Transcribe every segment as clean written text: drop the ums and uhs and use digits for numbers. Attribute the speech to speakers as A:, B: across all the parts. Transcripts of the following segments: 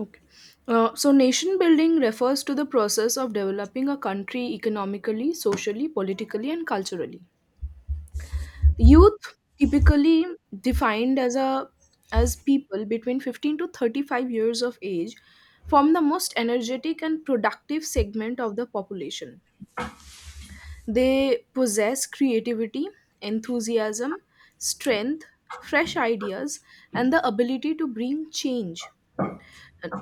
A: Okay. Nation building refers to the process of developing a country economically, socially, politically, and culturally. Youth, typically defined as a as people between 15 to 35 years of age, form the most energetic and productive segment of the population. They possess creativity, enthusiasm, strength, fresh ideas, and the ability to bring change.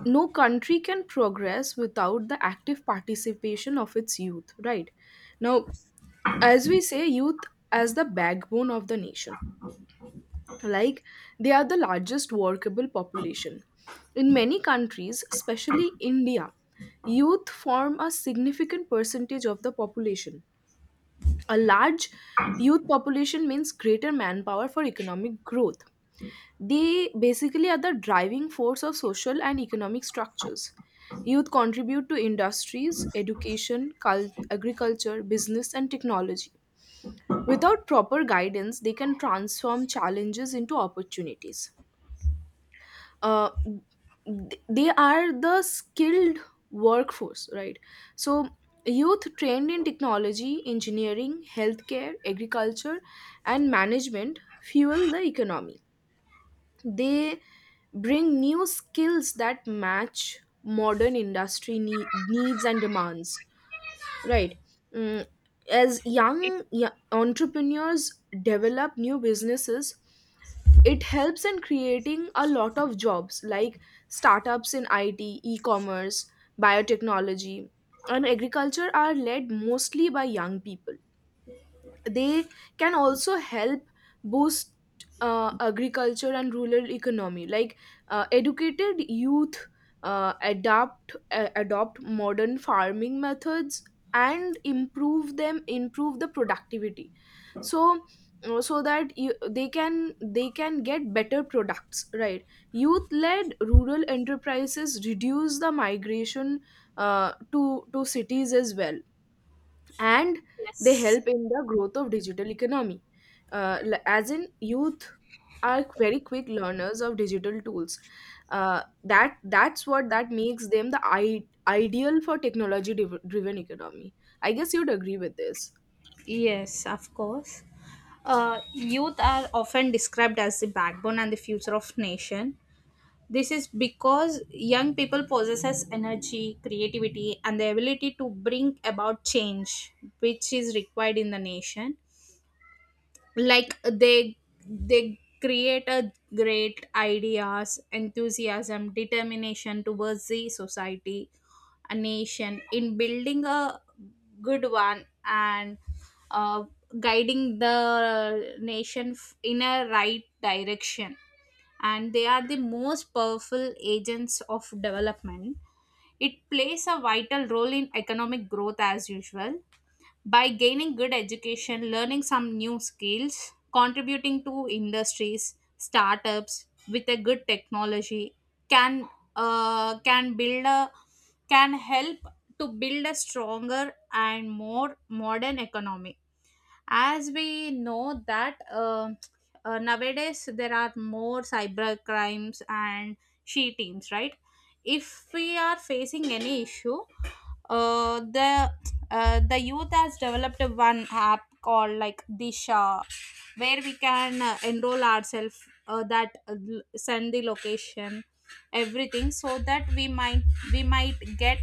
A: No country can progress without the active participation of its youth. Right now, as we say, youth as the backbone of the nation, like, they are the largest workable population in many countries, especially India. Youth form a significant percentage of the population. A large youth population means greater manpower for economic growth. They basically are the driving force of social and economic structures. Youth contribute to industries, education, agriculture, business, and technology. Without proper guidance, they can transform challenges into opportunities. Uh, they are the skilled workforce, right? So, youth trained in technology, engineering, healthcare, agriculture, and management fuel the economy. They bring new skills that match modern industry needs and demands, right? Mm, as young entrepreneurs develop new businesses, it helps in creating a lot of jobs, like startups in IT, e-commerce, biotechnology, and agriculture, are led mostly by young people. They can also help boost agriculture and rural economy, like, educated youth adopt modern farming methods and improve the productivity. So uh, so that you, they can get better products, right? Youth led rural enterprises reduce the migration to cities as well. And they
B: Yes,
A: help in the growth of digital economy. As in, youth are very quick learners of digital tools. Uh, that that's what that makes them the ideal for technology driven economy. I guess you'd agree with this.
B: yes, of course. Youth are often described as the backbone and the future of nation. This is because young people possesses energy, creativity, and the ability to bring about change, which is required in the nation. Like they create a great ideas enthusiasm determination towards the society, a nation in building a good one and uh, guiding the nation f- in a right direction. And they are the most powerful agents of development. It plays a vital role in economic growth as usual by gaining good education, learning some new skills, contributing to industries, startups with a good technology can can build a can help to build a stronger and more modern economy. As we know that nowadays there are more cyber crimes and she teams, right? If we are facing any issue, uh, the the youth has developed one app called like Disha, where we can enroll ourselves. That l- send the location, everything, so that we might get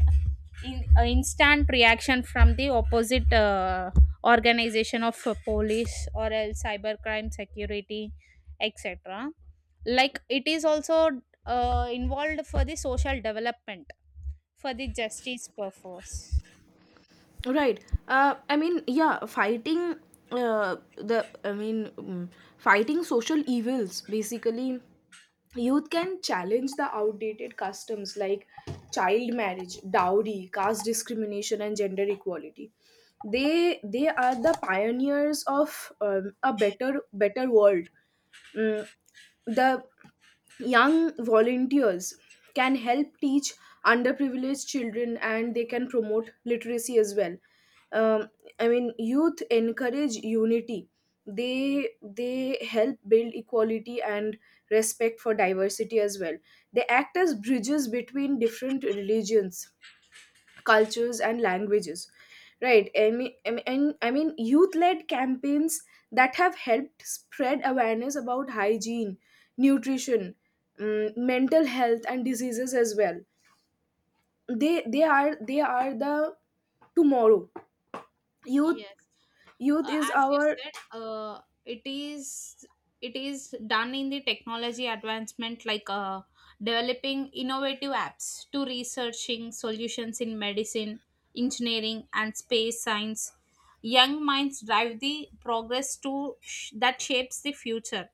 B: in, instant reaction from the opposite organization of police or else cybercrime security, etc. Like it is also involved for the social development for the justice purpose.
A: Right. I mean, yeah, fighting I mean, fighting social evils basically. Youth can challenge the outdated customs like child marriage, dowry, caste discrimination, and gender equality. They are the pioneers of a better world. Mm, the young volunteers can help teach underprivileged children, and they can promote literacy as well. um, I mean, youth encourage unity. They help build equality and respect for diversity as well. They act as bridges between different religions, cultures and languages, right? I mean, youth-led campaigns that have helped spread awareness about hygiene, nutrition, mental health and diseases as well. They are the tomorrow. Youth.
B: Yes.
A: Youth is
B: As you
A: our...
B: said, it is done in the technology advancement like developing innovative apps to researching solutions in medicine, engineering and space science. Young minds drive the progress to sh- that shapes the future,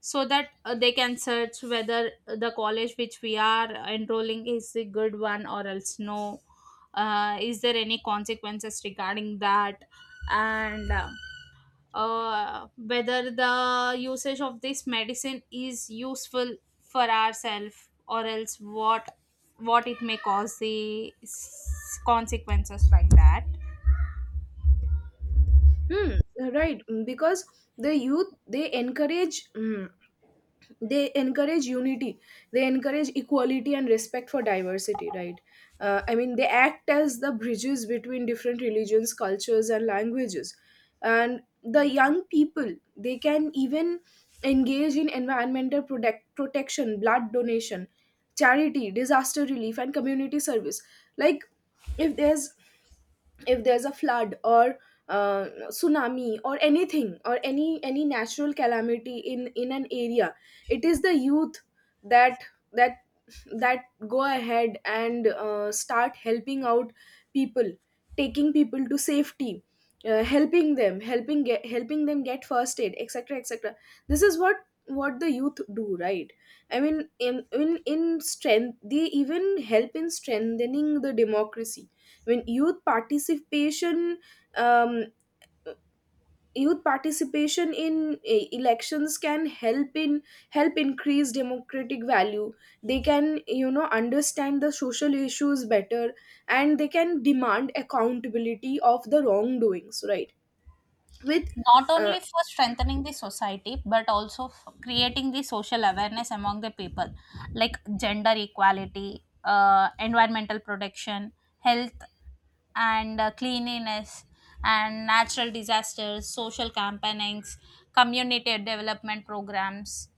B: so that they can search whether the college which we are enrolling is a good one or else no, is there any consequences regarding that, and whether the usage of this medicine is useful for ourselves or else what it may cause the s- consequences like that.
A: Hmm. Right. Because the youth, they encourage, unity. They encourage equality and respect for diversity, right? I mean, they act as the bridges between different religions, cultures and languages. And the young people, they can even engage in environmental protection, blood donation, charity, disaster relief and community service. Like, if there's if there's a flood or tsunami or anything, or any natural calamity in an area, it is the youth that that that go ahead and start helping out people, taking people to safety, helping them get first aid, etc etc. This is what the youth do, right? I mean, in strength, they even help in strengthening the democracy. When um, youth participation in elections can help in help increase democratic value. They can understand the social issues better, and they can demand accountability of the wrongdoings, right? With
B: Not
A: uh,
B: only for strengthening the society but also for creating the social awareness among the people, like gender equality, environmental protection, health, and cleanliness, and natural disasters, social campaignings, community development programs,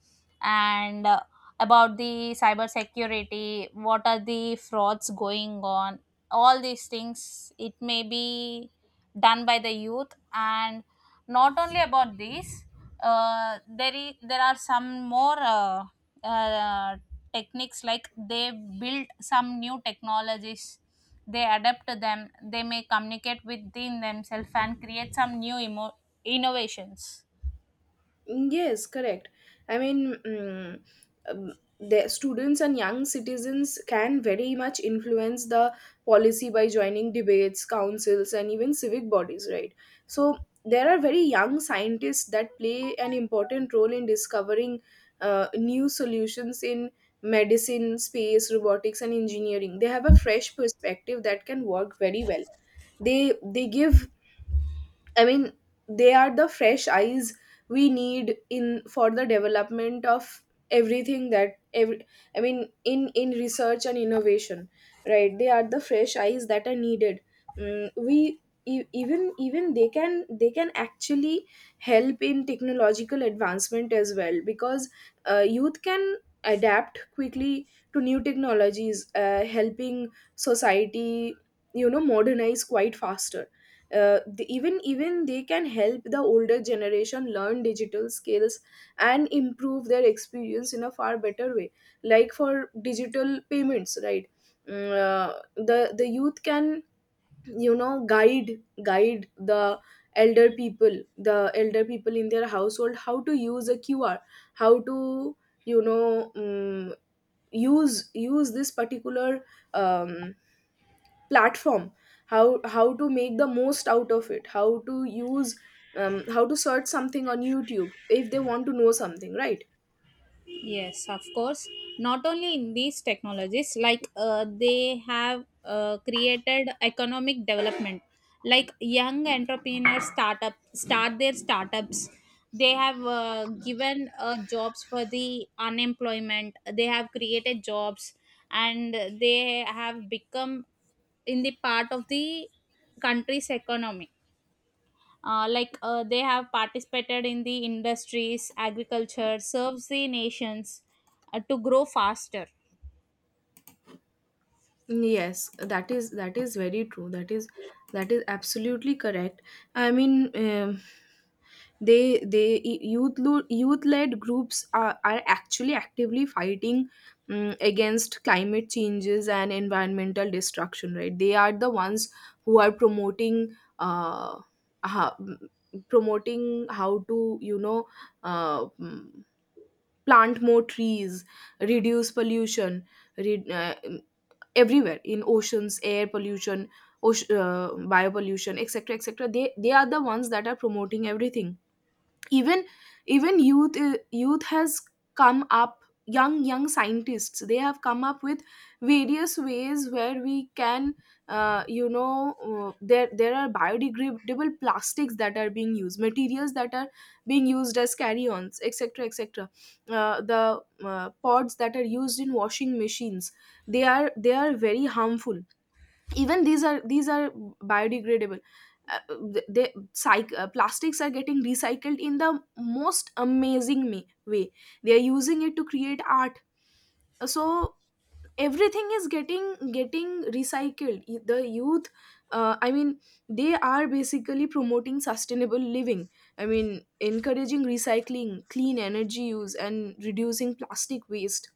B: and about the cyber security, what are the frauds going on. All these things it may be done by the youth. And not only about this, there are some more uh, techniques like they build some new technologies, they adapt to them, they may communicate within themselves and create some new emo- innovations.
A: Yes, correct. I mean, um, the students and young citizens can very much influence the policy by joining debates, councils, and even civic bodies, right? So there are very young scientists that play an important role in discovering new solutions in medicine, space, robotics, and engineering. They have a fresh perspective that can work very well. They give I mean, they are the fresh eyes we need in for the development of everything that every, I mean, in research and innovation, right? They are the fresh eyes that are needed. Mm, we e- even even they can actually help in technological advancement as well, because youth can adapt quickly to new technologies, helping society, you know, modernize quite faster. Uh, the, even even they can help the older generation learn digital skills and improve their experience in a far better way, like, for digital payments, right? Mm, uh, the youth can, you know, guide elder people the elder people in their household how to use a QR, how to, you know, use use this particular um, platform, how to make the most out of it, how to use, how to search something on YouTube if they want to know something, right?
B: Yes, of course. Not only in these technologies, like they have created economic development. Like young entrepreneurs startup start their startups. They have given jobs for the unemployment. They have created jobs, and they have become in the part of the country's economy. Like they have participated in the industries, agriculture, serves the nations to grow faster.
A: Yes, that is very true. That is absolutely correct. I mean, they youth led groups are actually actively fighting against climate changes and environmental destruction. Right, they are the ones who are promoting ha- promoting how to, you know, uh, mm, plant more trees, reduce pollution, re- uh, everywhere in oceans, air pollution, ocean, uh, biopollution, etc etc. They are the ones that are promoting everything. Even even youth uh, youth has come up. Young scientists, they have come up with various ways where we can, there are biodegradable plastics that are being used, materials that are being used as carry-ons, etc etc. The pods that are used in washing machines, they are very harmful. Even these are biodegradable. Uh, th- they psych, uh, plastics are getting recycled in the most amazing way. They are using it to create art. So everything is getting recycled. The youth, I mean, they are basically promoting sustainable living. I mean, encouraging recycling, clean energy use and reducing plastic waste.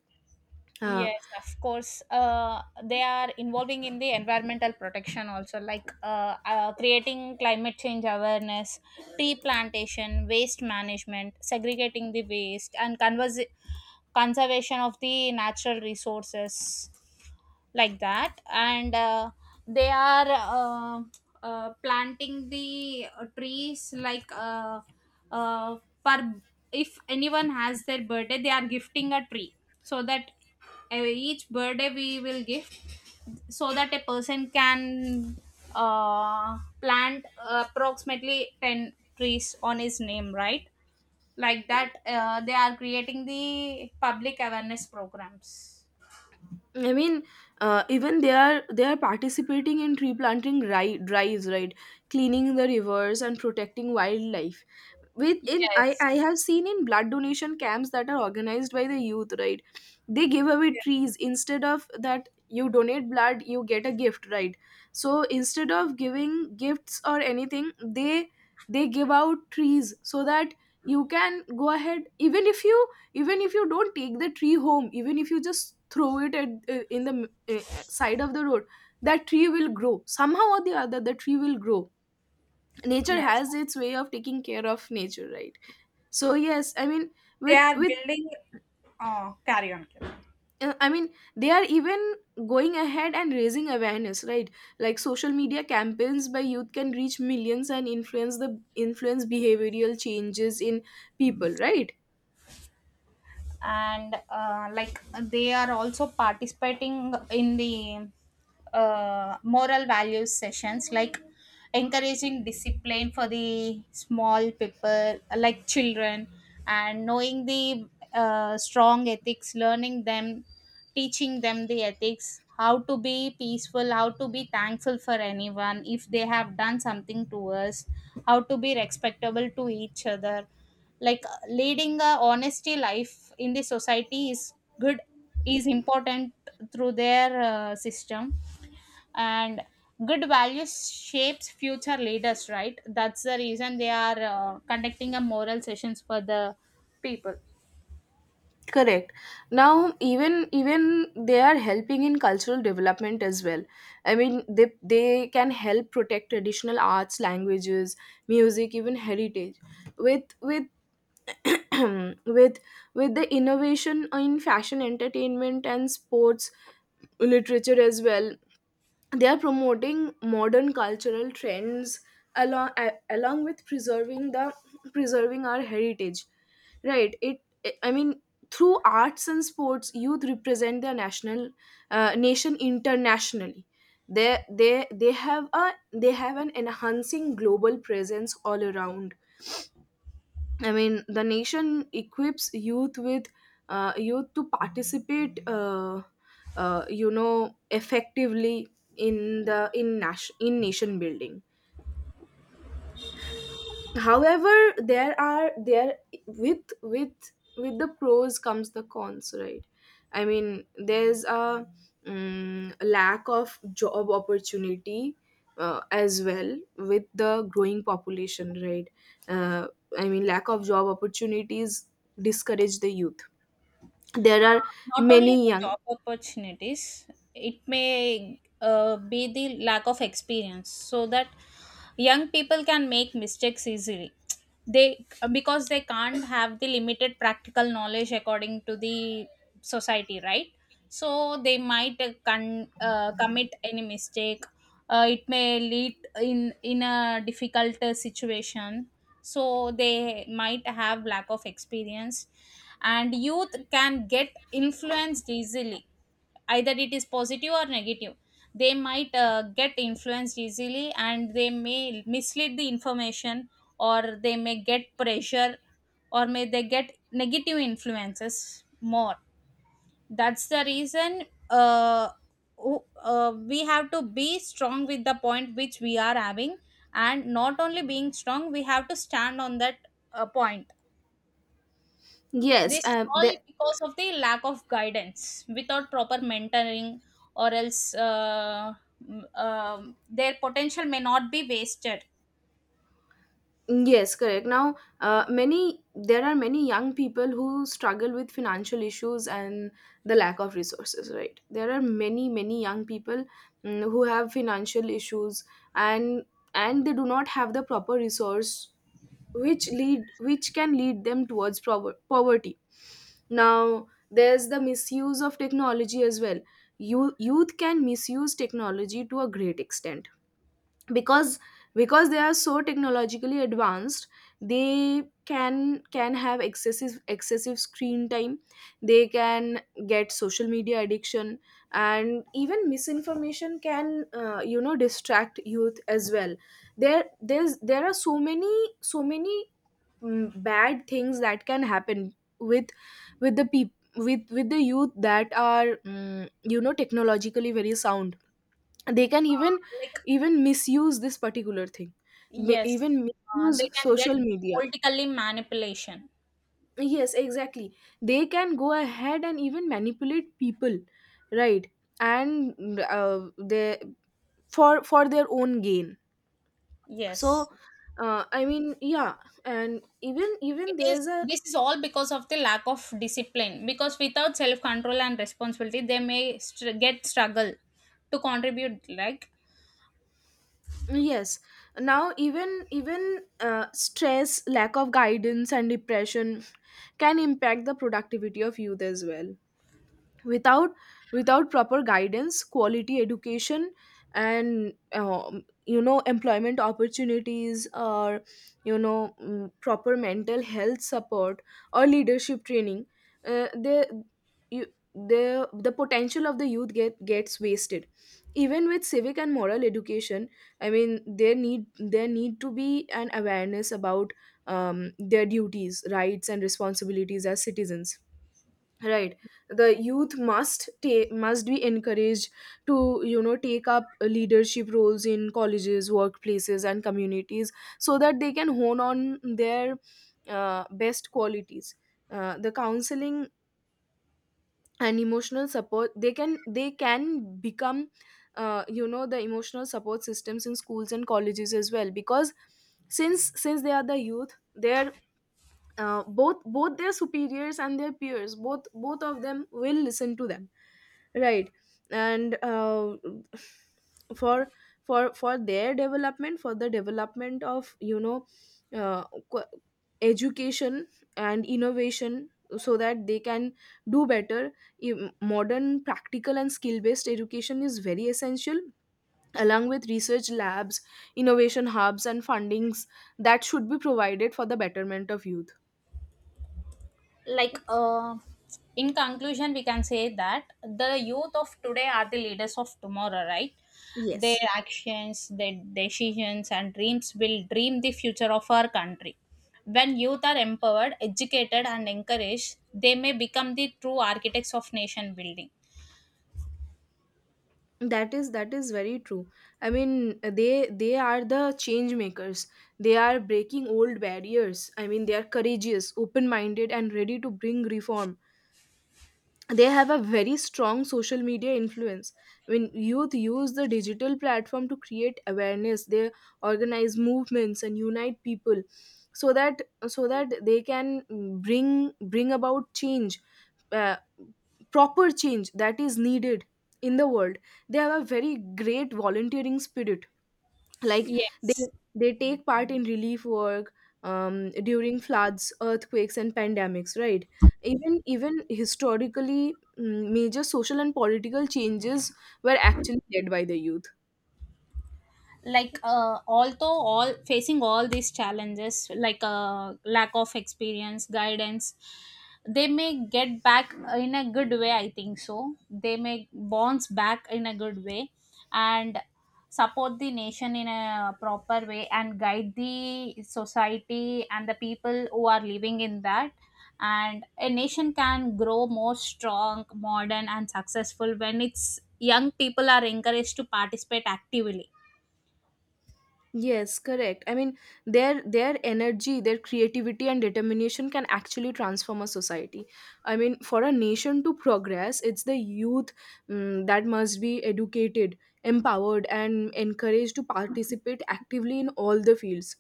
A: Uh,
B: Yes, of course, they are involving in the environmental protection also, like creating climate change awareness, tree plantation, waste management, segregating the waste and conservation of the natural resources, like that. And they are uh, planting the trees like uh, per, if anyone has their birthday they are gifting a tree, so that uh, each birthday we will gift, so that a person can plant approximately 10 trees on his name, right? Like that they are creating the public awareness programs.
A: I mean, even they are participating in tree planting drives, right? Cleaning the rivers and protecting wildlife. with in I,
B: Yes.
A: I have seen in blood donation camps that are organized by the youth, right? They give away trees instead of that. You donate blood, you get a gift, right? So instead of giving gifts or anything, they give out trees so that you can go ahead. Even if you even if you don't take the tree home, even if you just throw it in the uh, side of the road, that tree will grow. Somehow or the other, the tree will grow. Nature
B: Yes,
A: has its way of taking care of nature, right? So yes, I mean,
B: they are
A: with
B: building, carry on, carry on.
A: I mean, they are even going ahead and raising awareness, right? Like, social media campaigns by youth can reach millions and influence the influence behavioral changes in people, right?
B: And like they are also participating in the moral values sessions, like encouraging discipline for the small people like children, and knowing the strong ethics, learning them, teaching them the ethics, how to be peaceful, how to be thankful for anyone if they have done something to us, how to be respectable to each other. Like leading a honesty life in the society is good, is important, through their system. And good values shapes future leaders, right? That's the reason they are conducting a moral sessions for the people.
A: Correct. Now, even they are helping in cultural development as well. I mean, they can help protect traditional arts, languages, music, even heritage. With with with the innovation in fashion, entertainment and sports, literature as well, they are promoting modern cultural trends along with preserving our heritage, right? it I mean, through arts and sports, youth represent their nation internationally. they they they have a they have an enhancing global presence all around. I mean, the nation equips youth with youth to participate, effectively in the in nation building. However, there are there with with with the pros comes the cons, right? I mean, there's a lack of job opportunity as well, with the growing population, right? uh, I mean, lack of job opportunities discourage the youth. There
B: Uh,
A: are
B: Not only
A: many
B: the
A: young...
B: job opportunities, it may be the lack of experience, so that young people can make mistakes easily. They, because they can't have the limited practical knowledge according to the society, right? So they might commit any mistake. It may lead in a difficult situation. So they might have lack of experience, and youth can get influenced easily, either it is positive or negative. They might get influenced easily and they may mislead the information, or they may get pressure, or may they get negative influences more. That's the reason uh, we have to be strong with the point which we are having, and not only being strong, we have to stand on that point.
A: Yes.
B: This is
A: uh,
B: all
A: the
B: because of the lack of guidance without proper mentoring, or else their potential may not be wasted.
A: Yes, correct. Now, many there are many young people who struggle with financial issues and the lack of resources, right? There are many young people, who have financial issues, and and they do not have the proper resource, which lead which can lead them towards poverty. Now, there's the misuse of technology as well. Youth can misuse technology to a great extent because because they are so technologically advanced. They can have excessive screen time, they can get social media addiction, and even misinformation can distract youth as well. There are so many bad things that can happen with with the people with the youth that are technologically very sound. They can even
B: Uh, Like,
A: even misuse this particular thing, may
B: yes,
A: even misuse
B: they can get
A: social media.
B: politically manipulation.
A: Yes, exactly, they can go ahead and even manipulate people, right? And they, for their own gain.
B: Yes.
A: So I mean yeah. and even
B: It
A: even there's
B: is
A: a
B: this is all because of the lack of discipline, because without self control and responsibility they may get struggle to contribute,
A: yes Now, even even stress, lack of guidance, and depression can impact the productivity of youth as well. Without proper guidance, quality education, and employment opportunities, or proper mental health support, or leadership training, they, you the potential of the youth gets wasted. Even with civic and moral education, I mean, there need to be an awareness about their duties, rights, and responsibilities as citizens, right? The youth must be encouraged to, you know, take up leadership roles in colleges, workplaces, and communities, so that they can hone on their best qualities. The counseling and emotional support, they can become you know, the emotional support systems in schools and colleges as well, because since they are the youth, they're both their superiors and their peers, both of them will listen to them, right? And for their development, for the development of, you know, uh, qu- education and innovation, so that they can do better. Modern, practical, and skill based education is very essential, along with research labs, innovation hubs, and fundings that should be provided for the betterment of youth.
B: like in conclusion we can say that the youth of today are the leaders of tomorrow, right?
A: Yes,
B: Their actions, their decisions and dreams will dream the future of our country. When youth are empowered, educated and encouraged, they may become the true architects of nation building.
A: that is very true. I mean, they are the change makers, they are breaking old barriers. I mean, they are courageous, open minded, and ready to bring reform. They have a very strong social media influence. When youth use the digital platform to create awareness, they organize movements and unite people, so that they can bring about change, uh, proper change that is needed in the world. They have a very great volunteering spirit, like they
B: Yes,
A: they take part in relief work during floods, earthquakes, and pandemics, right? Even historically, major social and political changes were actually led by the youth.
B: like although all facing all these challenges, like lack of experience, guidance, they may get back in a good way, I think so, they may bounce back in a good way, and support the nation in a proper way and guide the society and the people who are living in that. And a nation can grow more strong, modern and successful when its young people are encouraged to participate actively.
A: Yes, correct. I mean, their energy, their creativity, and determination can actually transform a society. I mean, for a nation to progress, it's the youth, that must be educated, empowered, and encouraged to participate actively in all the fields.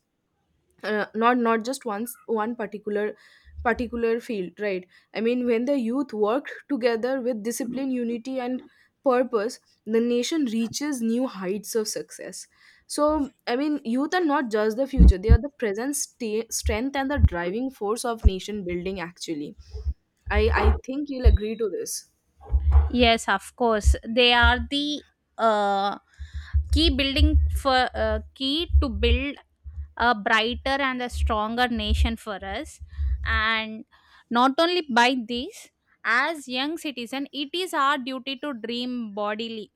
A: Not just once one particular field, right? I mean, when the youth work together with discipline, unity, and purpose, the nation reaches new heights of success. So I mean, youth are not just the future, they are the present sta strength and the driving force of nation building actually. I think you'll agree to this.
B: Yes, of course. They are the uh, key building for key to build a brighter and a stronger nation for us. And not only by this, as young citizen, it is our duty to dream bodily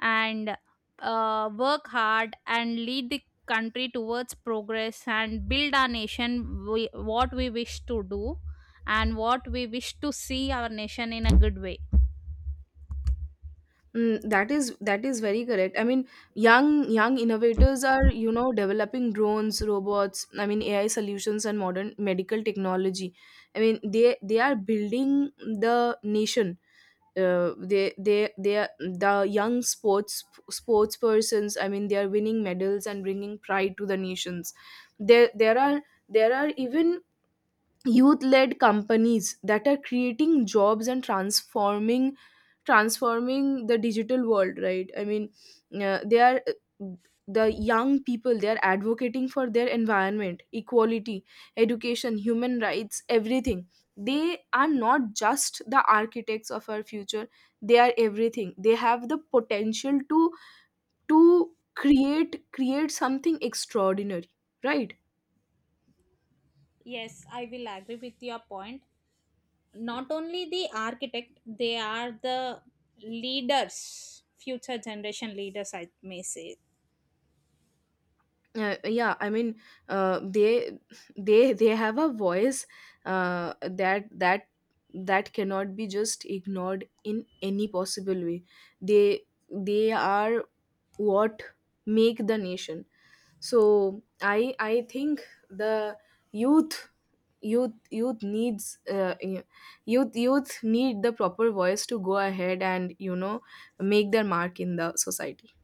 B: and work hard and lead the country towards progress and build our nation. We, what we wish to do and what we wish to see our nation in a good way.
A: Mm, that is very correct. I mean, young innovators are, you know, developing drones, robots, I mean, AI solutions and modern medical technology. I mean, they are building the nation. They are the young sports persons. I mean, they are winning medals and bringing pride to the nations. There there are there are even youth led companies that are creating jobs and transforming the digital world, right? I mean, they are the young people, they are advocating for their environment, equality, education, human rights, everything. They are not just the architects of our future, they are everything. They have the potential to create something extraordinary, right?
B: Yes, I will agree with your point. Not only the architect, they are the leaders, future generation leaders, I may say.
A: Yeah, I mean, they they have a voice uh, that that that cannot be just ignored in any possible way. They are what make the nation. So I think the youth, youth needs youth need the proper voice to go ahead and, you know, make their mark in the society.